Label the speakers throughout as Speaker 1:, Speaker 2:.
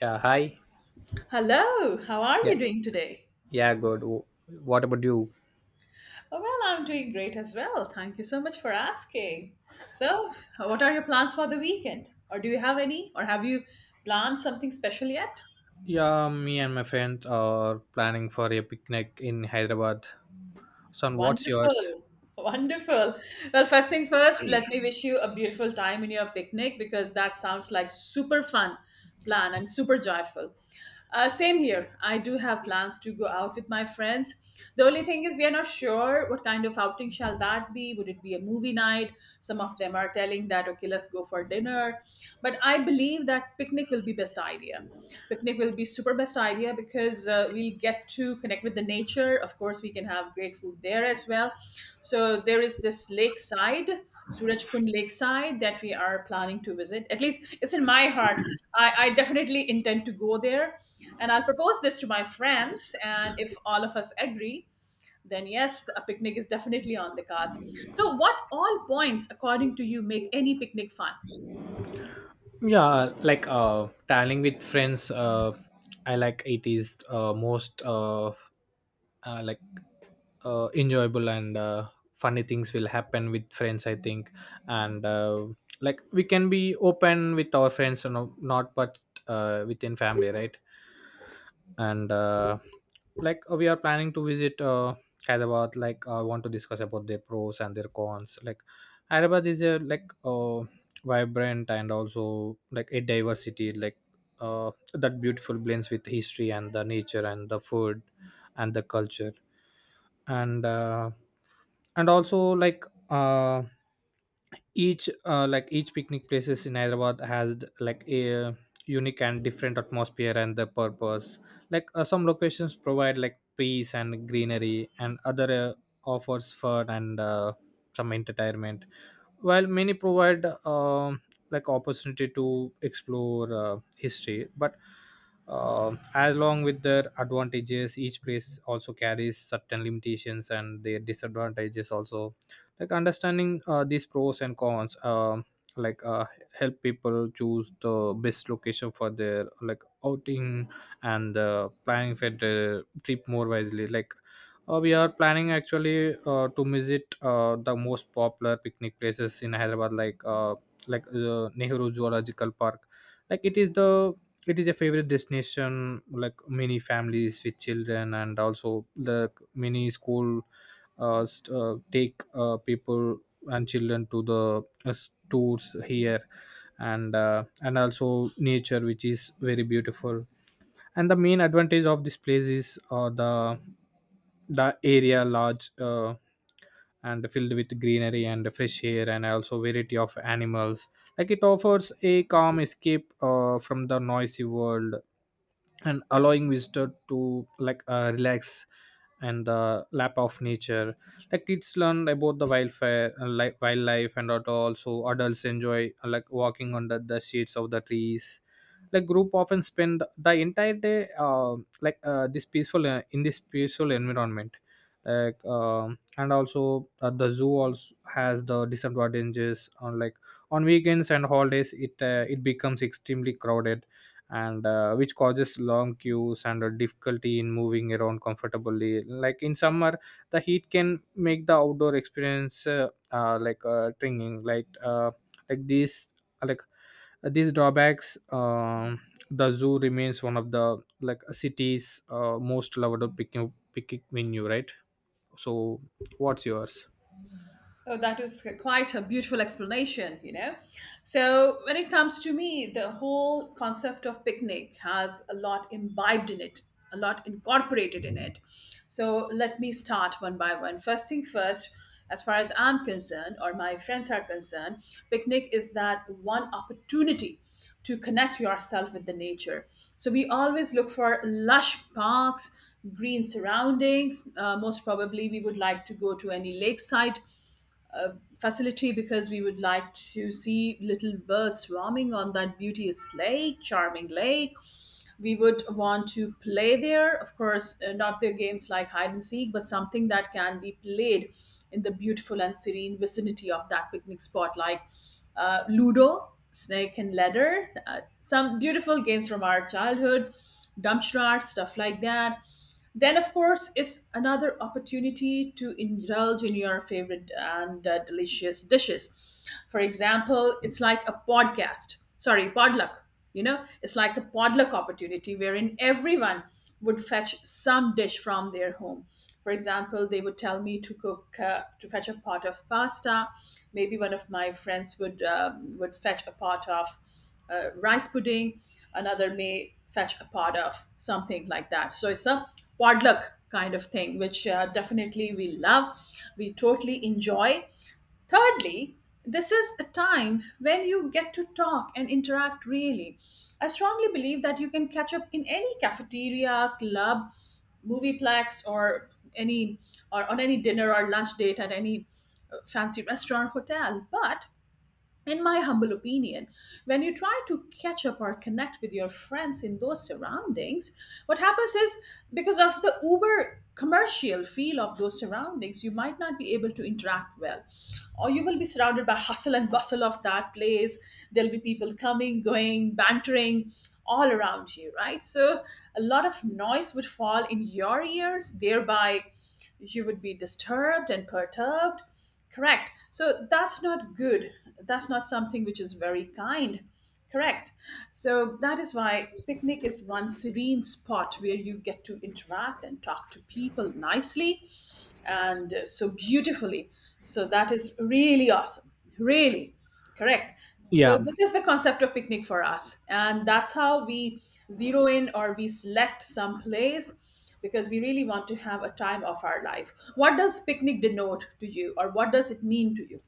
Speaker 1: Yeah, hi.
Speaker 2: Hello, how are
Speaker 1: Yeah.
Speaker 2: you doing today?
Speaker 1: Yeah, good. What about you?
Speaker 2: Oh, well, I'm doing great as well. Thank you so much for asking. So, what are your plans for the weekend? Or do you have any? Or have you planned something special yet?
Speaker 1: Yeah, me and my friends are planning for a picnic in Hyderabad. So, what's yours?
Speaker 2: Wonderful. Wonderful. Well, first thing first, let me wish you a beautiful time in your picnic because that sounds like super fun plan and super joyful. Same here. I do have plans to go out with my friends. The only thing is, we are not sure what kind of outing shall that be. Would it be a movie night? Some of them are telling that okay, let's go for dinner. But I believe that picnic will be best idea, picnic will be super best idea because we'll get to connect with the nature. Of course, we can have great food there as well. So there is this lakeside, Surajkund lakeside, that we are planning to visit. At least it's in my heart. I definitely intend to go there, and I'll propose this to my friends, and if all of us agree, then yes, a picnic is definitely on the cards. So, what all points, according to you, make any picnic fun?
Speaker 1: Yeah, like traveling with friends. I like it is most uh like enjoyable, and funny things will happen with friends, I think. And like we can be open with our friends, you know, not but within family, right? And like we are planning to visit Hyderabad. Like, I want to discuss about their pros and their cons. Like Hyderabad is a like vibrant and also like a diversity, like uh, that beautiful blends with history and the nature and the food and the culture. And uh, and also like uh, each like each picnic places in Hyderabad has like a unique and different atmosphere and the purpose. Like some locations provide like trees and greenery, and other offers fun and some entertainment, while many provide like opportunity to explore history. But as long with their advantages, each place also carries certain limitations and their disadvantages also. Like understanding these pros and cons, like help people choose the best location for their like outing, and planning for the trip more wisely. Like we are planning actually to visit the most popular picnic places in Hyderabad, like Nehru Zoological Park. Like, it is a favorite destination like many families with children, and also the many school take people and children to the uh, tours here. And and also nature which is very beautiful. And the main advantage of this place is the area large, and filled with greenery and fresh air and also variety of animals. Like it offers a calm escape from the noisy world, and allowing visitor to like relax and the lap of nature. Like kids learn about the wildfire like wildlife, and that also adults enjoy like walking under the shades of the trees. Like group often spend the entire day like this peaceful in this peaceful environment. Like and also the zoo also has the disadvantages, on like on weekends and holidays it becomes extremely crowded, and which causes long queues and a difficulty in moving around comfortably. Like in summer the heat can make the outdoor experience like tringing. Like like these like these drawbacks, the zoo remains one of the like city's most loved picnic venue, right? So what's yours?
Speaker 2: Oh, that is quite a beautiful explanation, you know. So, when it comes to me, the whole concept of picnic has a lot imbibed in it, a lot incorporated in it. So, let me start one by one. First thing first, as far as I'm concerned, or my friends are concerned, picnic is that one opportunity to connect yourself with the nature. So we always look for lush parks, green surroundings. Most probably, we would like to go to any lakeside uh, facility because we would like to see little birds swarming on that beauteous lake, charming lake. We would want to play there. Of course, not the games like hide and seek, but something that can be played in the beautiful and serene vicinity of that picnic spot, like Ludo, Snake and Ladder, some beautiful games from our childhood, Dumpstrat, stuff like that. Then, of course, is another opportunity to indulge in your favorite and delicious dishes. For example, it's like a podcast, sorry, podluck. You know, it's like a podluck opportunity wherein everyone would fetch some dish from their home. For example, they would tell me to cook, to fetch a pot of pasta. Maybe one of my friends would fetch a pot of rice pudding. Another may fetch a pot of something like that. So it's a potluck kind of thing, which definitely we love. We totally enjoy. Thirdly, this is a time when you get to talk and interact really. I strongly believe that you can catch up in any cafeteria, club, movieplex, any or on any dinner or lunch date at any fancy restaurant, hotel. But in my humble opinion, when you try to catch up or connect with your friends in those surroundings, what happens is, because of the uber commercial feel of those surroundings, you might not be able to interact well. Or you will be surrounded by hustle and bustle of that place. There'll be people coming, going, bantering all around you, right? So a lot of noise would fall in your ears, thereby you would be disturbed and perturbed. Correct. So that's not good. That's not something which is very kind. Correct. So that is why picnic is one serene spot where you get to interact and talk to people nicely and, so beautifully. So that is really awesome. Really correct. So
Speaker 1: Yeah.
Speaker 2: this is the concept of picnic for us, and that's how we zero in or we select some place because we really want to have a time of our life. What does picnic denote to you, or what does it mean to you?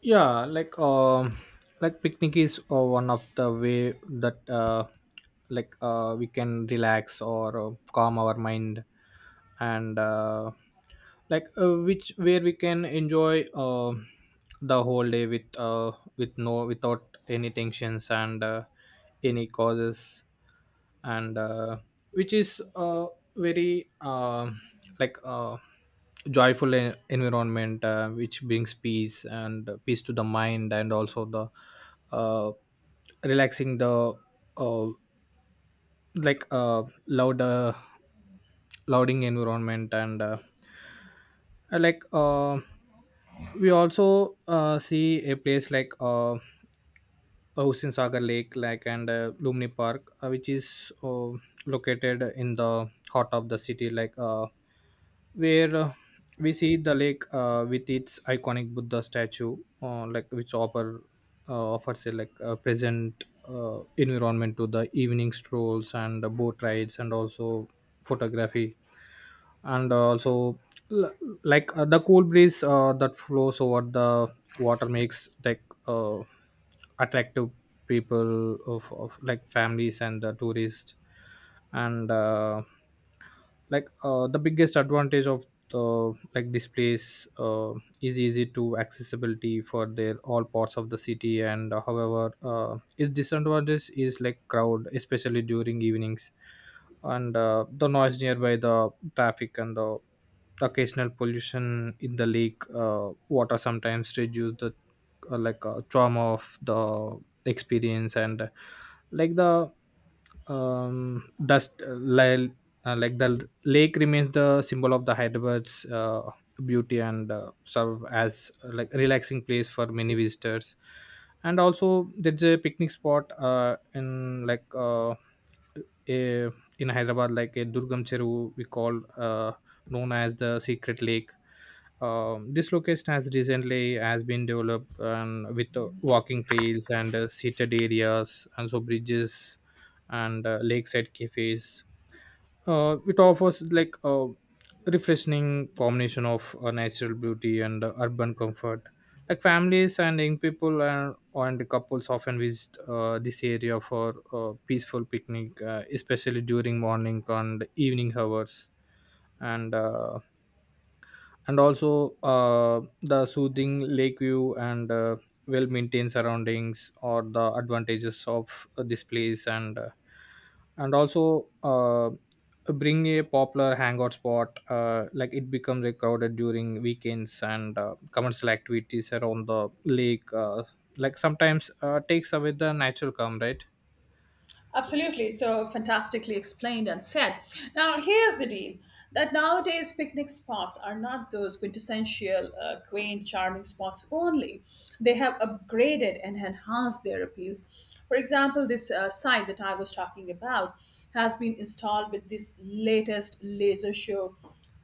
Speaker 1: Yeah, like picnic is one of the way that like we can relax or calm our mind. And like which where we can enjoy the whole day with no without any tensions and any causes. And which is very like joyful environment, which brings peace and peace to the mind, and also the uh, relaxing the uh, like louder louding environment. And like we also see a place like Ocean Sagar Lake, like and Lumni Park, which is located in the heart of the city, like where we see the lake with its iconic Buddha statue, like which offers a like a present environment to the evening strolls and the boat rides and also photography. And also l- like the cool breeze that flows over the water makes like attractive people of like families and the tourists. And like the biggest advantage of the like this place is easy to accessibility for their all parts of the city. And however its disadvantage is like crowd, especially during evenings, and the noise nearby the traffic, and the occasional pollution in the lake water sometimes reduce the like trauma of the experience. And like the um, dust uh, li- like the lake remains the symbol of the Hyderabad's beauty, and serve as like relaxing place for many visitors. And also there's a picnic spot in like a, in Hyderabad like a Durgam Cheru we call, known as the Secret Lake. This location has recently has been developed, with walking trails and seated areas, and so bridges, and lakeside cafes. It offers like a refreshing combination of natural beauty and urban comfort. Like families and young people and couples often visit this area for a peaceful picnic, especially during morning and evening hours. And uh, and also the soothing lake view and well maintained surroundings or the advantages of this place. And also bring a popular hangout spot. Like, it becomes like crowded during weekends, and commercial activities around the lake like sometimes takes away the natural calm, right?
Speaker 2: Absolutely, so fantastically explained and said. Now, here's the deal that nowadays picnic spots are not those quintessential, quaint, charming spots only. They have upgraded and enhanced their appeals. For example, this site that I was talking about has been installed with this latest laser show,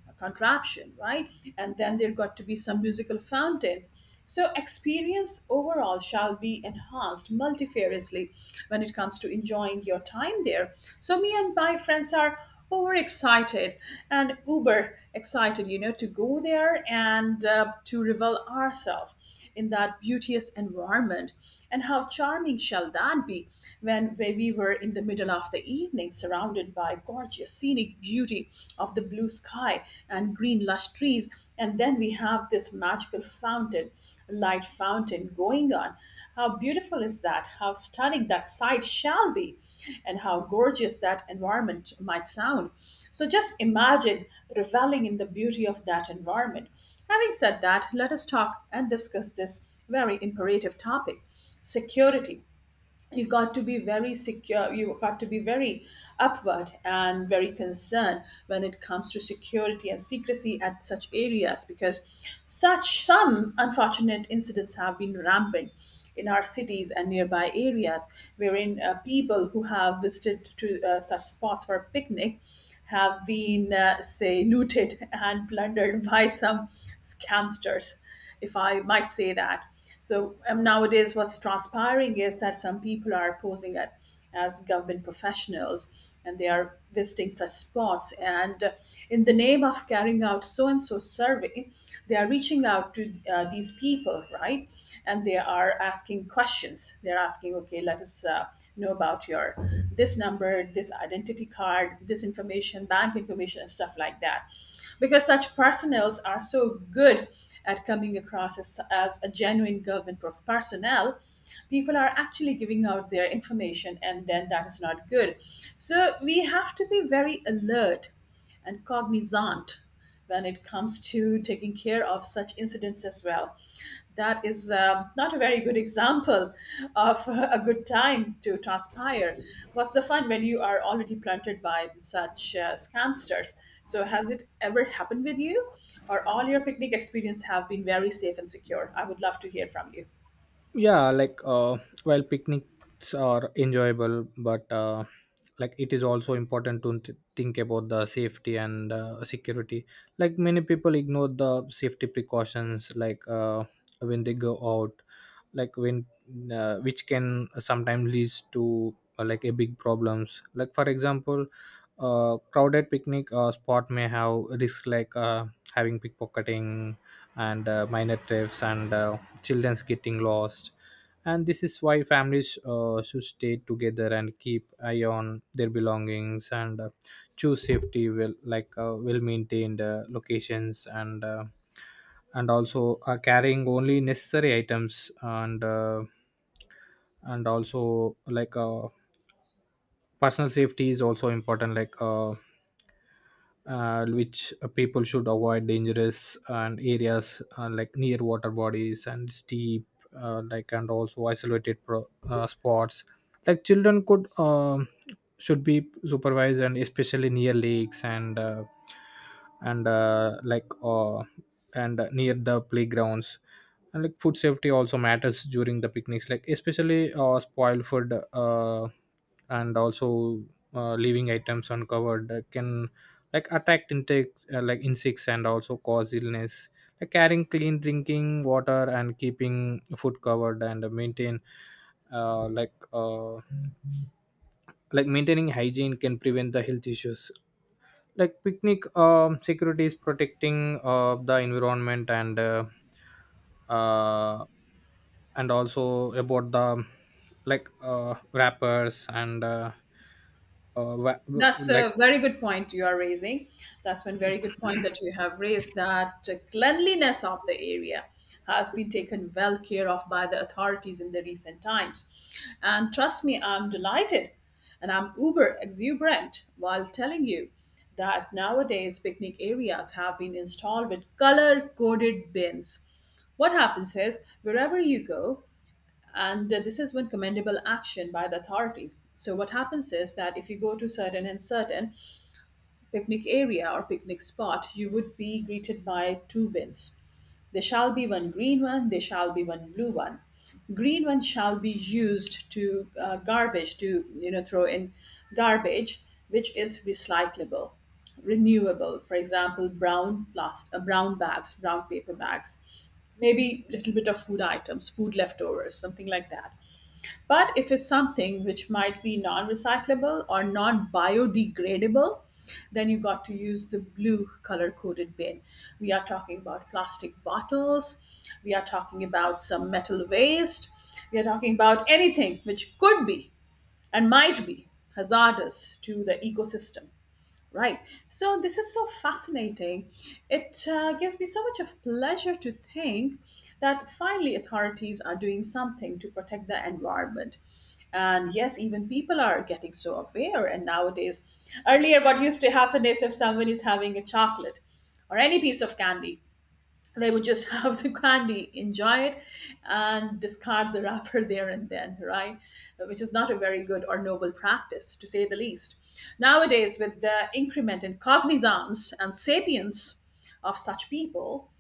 Speaker 2: a contraption, right? And then there got to be some musical fountains. So, experience overall shall be enhanced multifariously when it comes to enjoying your time there. So, me and my friends are overexcited and uber excited, you know, to go there and, to revel ourselves in that beauteous environment. And how charming shall that be when where we were in the middle of the evening, surrounded by gorgeous scenic beauty of the blue sky and green lush trees, and then we have this magical fountain, light fountain going on. How beautiful is that? How stunning that sight shall be, and how gorgeous that environment might sound. So just imagine reveling in the beauty of that environment. Having said that, let us talk and discuss this very imperative topic: security. You got to be very secure, you got to be very upward and very concerned when it comes to security and secrecy at such areas, because such some unfortunate incidents have been rampant in our cities and nearby areas, wherein people who have visited to such spots for a picnic have been, say, looted and plundered by some scamsters, if I might say that. So nowadays, what's transpiring is that some people are posing at, as government professionals, and they are visiting such spots. And in the name of carrying out so and so survey, they are reaching out to these people, right? And they are asking questions. They're asking, okay, let us know about your this number, this identity card, this information, bank information, and stuff like that. Because such personnels are so good at coming across as a genuine government prof- personnel, people are actually giving out their information, and then that is not good. So we have to be very alert and cognizant when it comes to taking care of such incidents as well. That is not a very good example of a good time to transpire. What's the fun when you are already planted by such scamsters? So, has it ever happened with you, or all your picnic experience have been very safe and secure? I would love to hear from you.
Speaker 1: Yeah, like well picnics are enjoyable, but like it is also important to think about the safety and security. Like many people ignore the safety precautions, like when they go out, like when which can sometimes leads to like a big problems. Like for example, crowded picnic spot may have risk, like having pickpocketing, and minor thefts, and children's getting lost. And this is why families should stay together and keep eye on their belongings, and choose safety well, like well maintained locations. And also carrying only necessary items. And also like personal safety is also important. Like which people should avoid dangerous and areas like near water bodies and steep like and also isolated spots. Like children could should be supervised, and especially near lakes, and and near the playgrounds. And like food safety also matters during the picnics, like especially spoiled food. And also leaving items uncovered can like attacked insects, like insects, and also cause illness. Like carrying clean drinking water and keeping food covered, and maintain uh, like uh, like maintaining hygiene can prevent the health issues. Like picnic security is protecting the environment, and uh, and also about the like wrappers and uh, wa-
Speaker 2: That's
Speaker 1: like
Speaker 2: a very good point you are raising. That's one very good point that you have raised, that cleanliness of the area has been taken well care of by the authorities in the recent times. And trust me, I'm delighted and I'm uber exuberant while telling you that nowadays picnic areas have been installed with color coded bins. What happens is, wherever you go, and this has been commendable action by the authorities. So what happens is that if you go to certain and certain picnic area or picnic spot, you would be greeted by two bins. There shall be one green one, there shall be one blue one. Green one shall be used to, garbage, to you know throw in garbage which is recyclable, renewable. For example, brown plast-, brown bags, brown paper bags, maybe a little bit of food items, food leftovers, something like that. But if it's something which might be non recyclable or non biodegradable, then you got to use the blue color coded bin. We are talking about plastic bottles, we are talking about some metal waste, we are talking about anything which could be and might be hazardous to the ecosystem. Right. So this is so fascinating. It gives me so much of pleasure to think that finally authorities are doing something to protect the environment. And yes, even people are getting so aware. And nowadays, earlier, what used to happen is if someone is having a chocolate or any piece of candy, they would just have the candy, enjoy it, and discard the wrapper there and then, right? Which is not a very good or noble practice, to say the least. Nowadays, with the increment in cognizance and sapience of such people,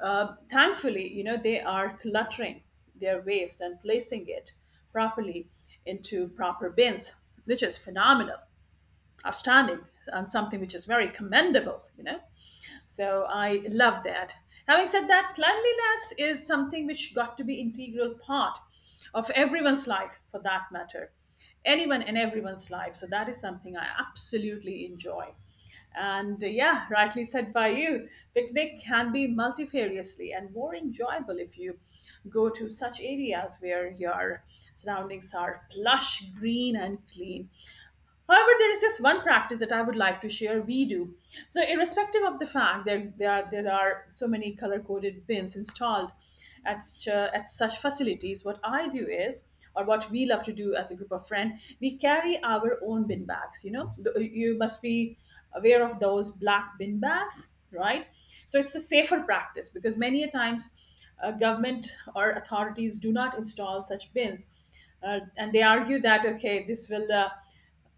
Speaker 2: thankfully, you know, they are cluttering their waste and placing it properly into proper bins, which is phenomenal, outstanding, and something which is very commendable, you know. So I love that. Having said that, cleanliness is something which got to be integral part of everyone's life, for that matter. Anyone and everyone's life. So that is something I absolutely enjoy. And yeah, rightly said by you, picnic can be multifariously and more enjoyable if you go to such areas where your surroundings are plush, green, and clean. However, there is this one practice that I would like to share. We do. So, irrespective of the fact that there are so many color coded bins installed at such facilities, what I do is, or what we love to do as a group of friends, we carry our own bin bags. You know, you must be aware of those black bin bags, right? So, it's a safer practice because many a times government or authorities do not install such bins. And they argue that, okay, this will.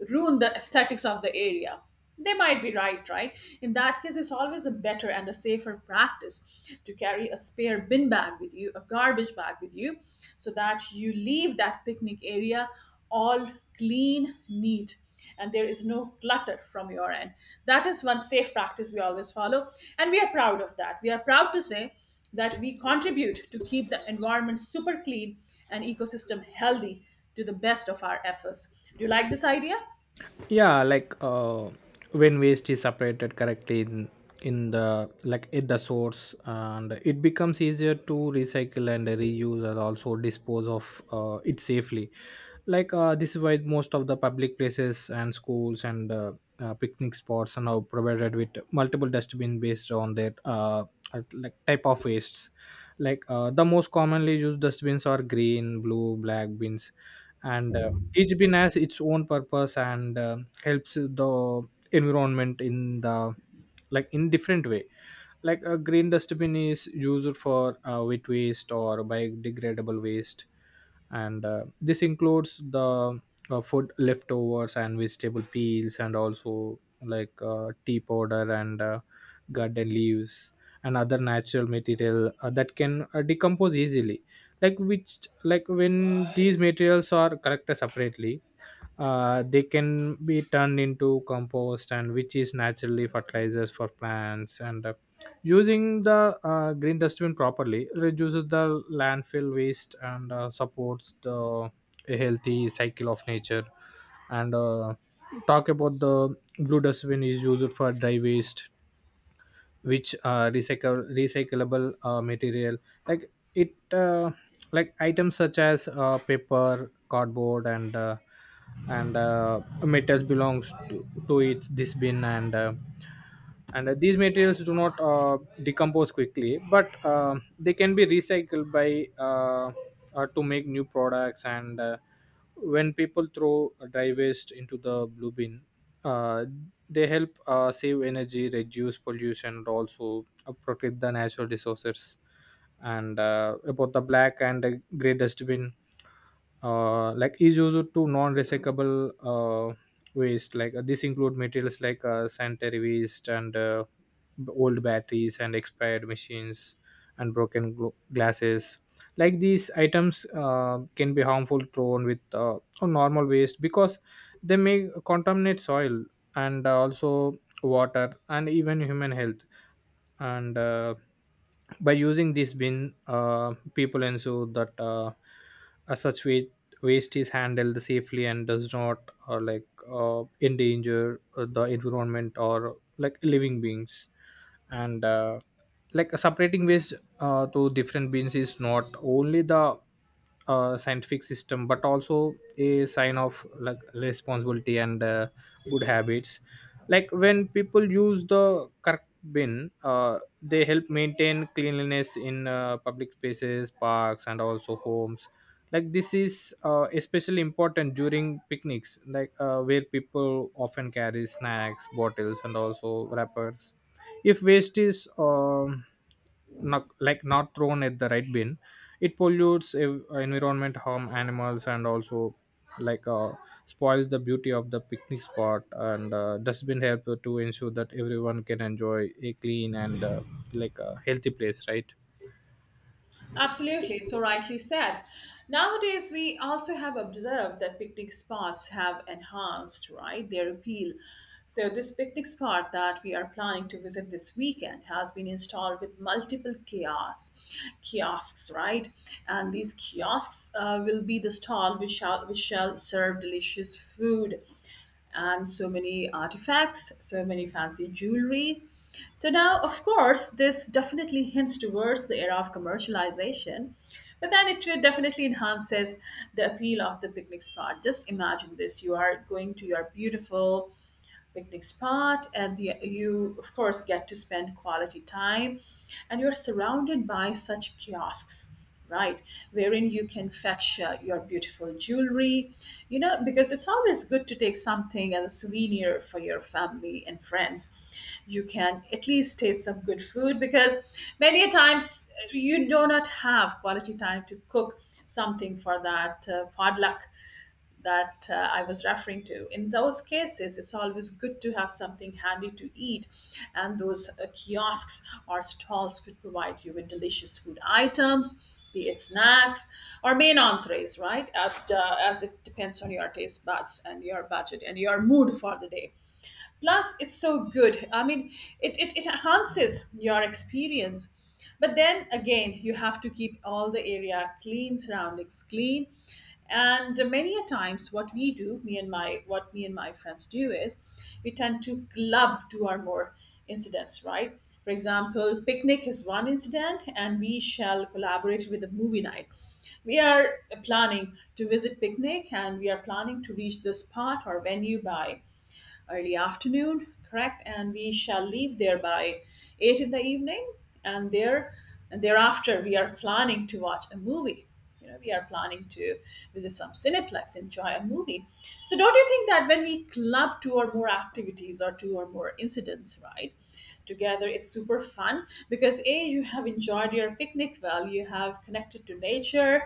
Speaker 2: Ruin the aesthetics of the area. They might be right, right? In that case, it's always a better and a safer practice to carry a spare bin bag with you, a garbage bag with you, so that you leave that picnic area all clean, neat, and there is no clutter from your end. That is one safe practice we always follow, and we are proud of that. We are proud to say that we contribute to keep the environment super clean and ecosystem healthy to the best of our efforts. Do you like this idea?
Speaker 1: yeah, like when waste is separated correctly in the like at the source, and it becomes easier to recycle and reuse and also dispose of it safely. Like this is why most of the public places and schools and picnic spots are now provided with multiple dustbin based on their like type of wastes. Like the most commonly used dustbins are green blue black bins. And each bin has its own purpose and helps the environment in the like in different way. Like a green dustbin is used for wet waste or biodegradable waste. And this includes the food leftovers and vegetable peels, and also like tea powder and garden leaves, and other natural material that can decompose easily. Like which like when these materials are collected separately, they can be turned into compost, and which is naturally fertilizers for plants. And using the green dustbin properly reduces the landfill waste, and supports the a healthy cycle of nature. And talk about the blue dustbin is used for dry waste, which recycle recyclable material. Like it like items such as paper cardboard and metals belongs to its this bin. And these materials do not decompose quickly, but they can be recycled by to make new products. And when people throw dry waste into the blue bin, uh, they help save energy reduce pollution, and also protect the natural resources. And about the black and the gray dustbin, like is used to non-recyclable waste. Like this include materials like sanitary waste, and old batteries and expired machines and broken glasses. Like these items can be harmful thrown with a normal waste, because they may contaminate soil, and also water and even human health. And by using this bin, people ensure that such waste is handled safely, and does not like endanger the environment or like living beings. And like separating waste to different bins is not only the scientific system but also a sign of like responsibility and good habits Like when people use the correct been, they help maintain cleanliness in public spaces, parks, and also homes. Like this is especially important during picnics, like where people often carry snacks, bottles, and also wrappers. If waste is not, like not thrown at the right bin, it pollutes environment, harm animals, and also like uh, spoils the beauty of the picnic spot. And dustbin help to ensure that everyone can enjoy a clean and like a healthy place, right?
Speaker 2: Absolutely, so rightly said. Nowadays, we also have observed that picnic spots have enhanced, right, their appeal. So, this picnic spot that we are planning to visit this weekend has been installed with multiple kiosks, right? And these kiosks will be the stall which shall serve delicious food and so many artifacts, so many fancy jewelry. So now, of course, this definitely hints towards the era of commercialization, but then it definitely enhances the appeal of the picnic spot. Just imagine this, you are going to your beautiful picnic spot and the, you of course get to spend quality time and you're surrounded by such kiosks, right, wherein you can fetch your beautiful jewelry, you know, because it's always good to take something as a souvenir for your family and friends. You can at least taste some good food because many a times you do not have quality time to cook something for that potluck that I was referring to. In those cases, it's always good to have something handy to eat, and those kiosks or stalls could provide you with delicious food items, be it snacks or main entrees, right? As it depends on your taste buds and your budget and your mood for the day. Plus, it's so good. I mean, it enhances your experience. But then again, you have to keep all the area clean, surroundings clean. And many a times, what we do, me and my friends do is, we tend to club two or more incidents, right? For example, picnic is one incident, and we shall collaborate with a movie night. We are planning to visit picnic, and we are planning to reach this spot or venue by early afternoon, correct? And we shall leave there by eight in the evening, and thereafter we are planning to watch a movie. You know, we are planning to visit some cineplex, enjoy a movie. So, don't you think that when we club two or more activities or two or more incidents, right, together? It's super fun because A, you have enjoyed your picnic well, you have connected to nature,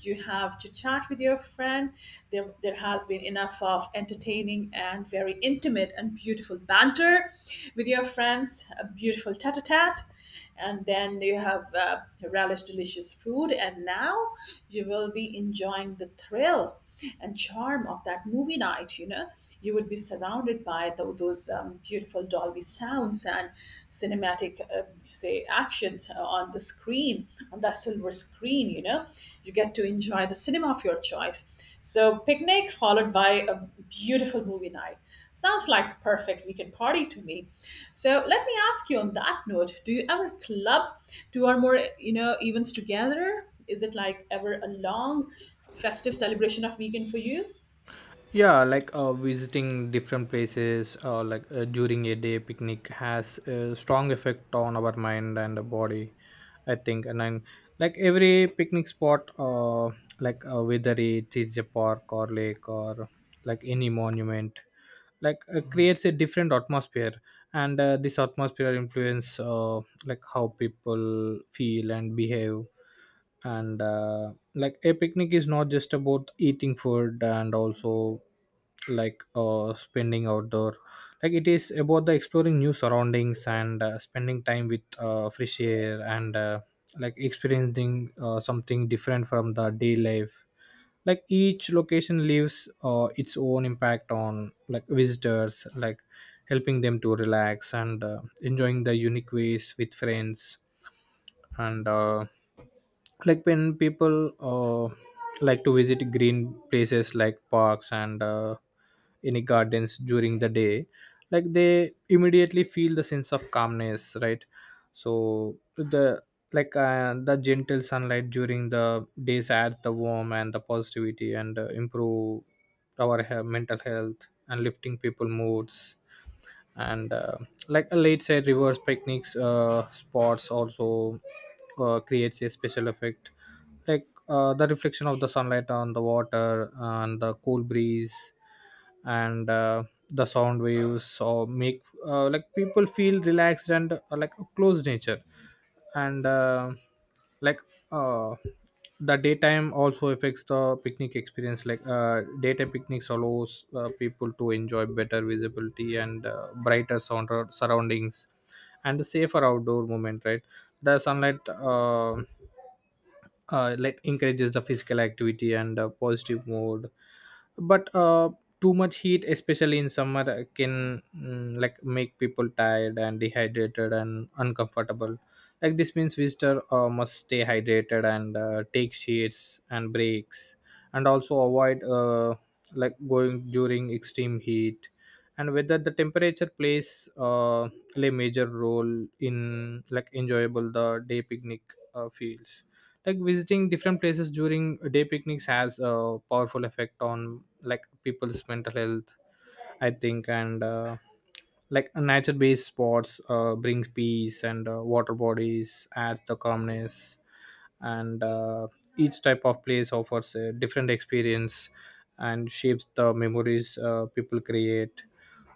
Speaker 2: you have to chat with your friend. There has been enough of entertaining and very intimate and beautiful banter with your friends, a beautiful tete a tete, and then you have relished delicious food, and now you will be enjoying the thrill and charm of that movie night. You know, you would be surrounded by those beautiful dolby sounds and cinematic say actions on the screen, on that silver screen. You know, you get to enjoy the cinema of your choice. So picnic followed by a beautiful movie night sounds like a perfect weekend party to me. So let me ask you, on that note, do you ever club two or more, you know, events together? Is it like ever a long festive celebration of weekend for you?
Speaker 1: Yeah, like visiting different places, during a day picnic has a strong effect on our mind and the body, I think. And then, like every picnic spot, whether it is a park or lake or like any monument, like creates a different atmosphere. And this atmosphere influence, like how people feel and behave. And like a picnic is not just about eating food and also like spending outdoor, like it is about the exploring new surroundings and spending time with fresh air and like experiencing something different from the day life. Like each location leaves its own impact on like visitors, like helping them to relax and enjoying the unique ways with friends. And Like when people, like to visit green places like parks and any gardens during the day, like they immediately feel the sense of calmness, right? So the, like the gentle sunlight during the days adds the warmth and the positivity and improve our mental health and lifting people moods. And Like a late side reverse picnics spots also creates a special effect, like the reflection of the sunlight on the water and the cool breeze and the sound waves or make, like people feel relaxed and like a close nature. And like uh, the daytime also affects the picnic experience. Like daytime picnics allows people to enjoy better visibility and brighter sound surroundings and a safer outdoor movement, right? The sunlight, like encourages the physical activity and positive mood. But too much heat, especially in summer, can like make people tired and dehydrated and uncomfortable. Like this means visitor must stay hydrated and take shades and breaks and also avoid like going during extreme heat. And whether the temperature play major role in like enjoyable the day picnic feels like visiting different places during day picnics has a powerful effect on like people's mental health, I think. And nature-based sports bring peace and water bodies add the calmness. And each type of place offers a different experience and shapes the memories people create.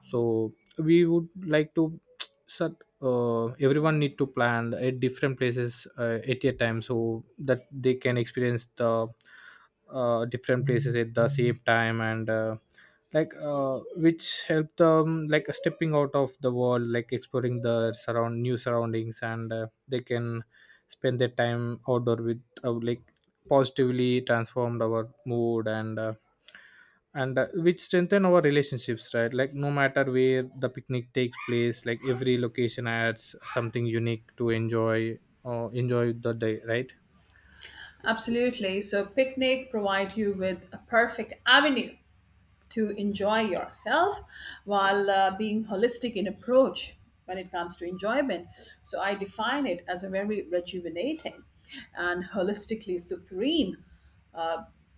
Speaker 1: So we would like to, so everyone need to plan at different places at a time so that they can experience the different places at the same time. And which help them like stepping out of the world, like exploring the surround new surroundings and they can spend their time outdoor with like positively transformed our mood. And which strengthen our relationships, right? Like no matter where the picnic takes place, like every location adds something unique to enjoy or enjoy the day, right?
Speaker 2: Absolutely. So, picnic provide you with a perfect avenue to enjoy yourself while being holistic in approach when it comes to enjoyment. So, I define it as a very rejuvenating and holistically supreme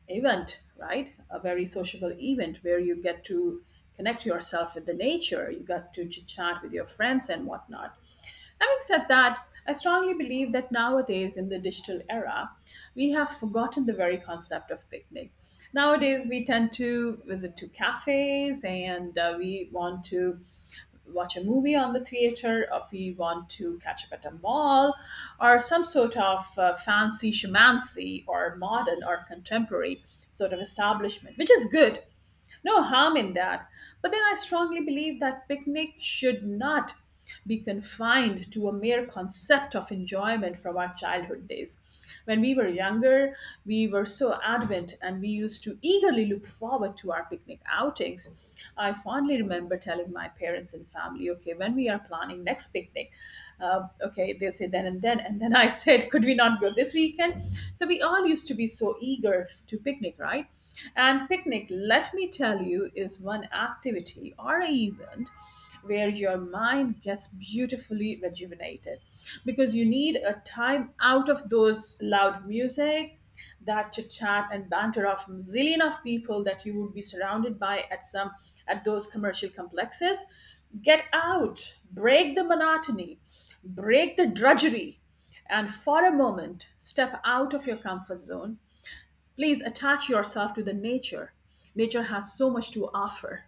Speaker 2: event, right? A very sociable event where you get to connect yourself with the nature, you got to chit chat with your friends and whatnot. Having said that, I strongly believe that nowadays in the digital era, we have forgotten the very concept of picnic. Nowadays, we tend to visit to cafes, and we want to watch a movie on the theater, or we want to catch up at a mall, or some sort of fancy shamancy or modern or contemporary sort of establishment, which is good, no harm in that. But then I strongly believe that picnic should not be confined to a mere concept of enjoyment from our childhood days. When we were younger, we were so adamant and we used to eagerly look forward to our picnic outings. I fondly remember telling my parents and family, okay, when we are planning next picnic, okay, they say then and then. And then I said, could we not go this weekend? So we all used to be so eager to picnic, right? And picnic, let me tell you, is one activity or a event where your mind gets beautifully rejuvenated because you need a time out of those loud music, that chit chat and banter of zillion of people that you would be surrounded by at some at those commercial complexes. Get out, break the monotony, break the drudgery, and for a moment step out of your comfort zone. Please attach yourself to the nature. Nature has so much to offer,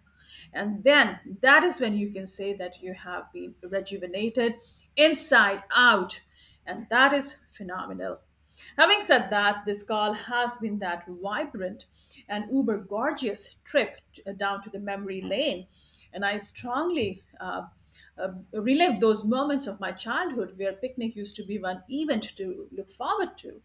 Speaker 2: and then that is when you can say that you have been rejuvenated inside out, and that is phenomenal. Having said that, this call has been that vibrant and uber gorgeous trip down to the memory lane, and I strongly relived those moments of my childhood where picnic used to be one event to look forward to.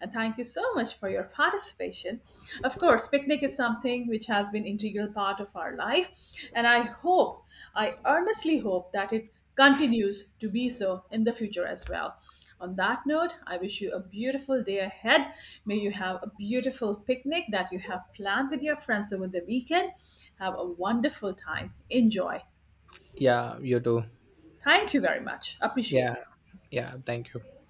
Speaker 2: And thank you so much for your participation. Of course, picnic is something which has been integral part of our life, and I hope, I earnestly hope that it continues to be so in the future as well. On that note, I wish you a beautiful day ahead. May you have a beautiful picnic that you have planned with your friends over the weekend. Have a wonderful time. Enjoy.
Speaker 1: Yeah, you too.
Speaker 2: Thank you very much. Appreciate
Speaker 1: Yeah.
Speaker 2: it.
Speaker 1: Yeah, thank you.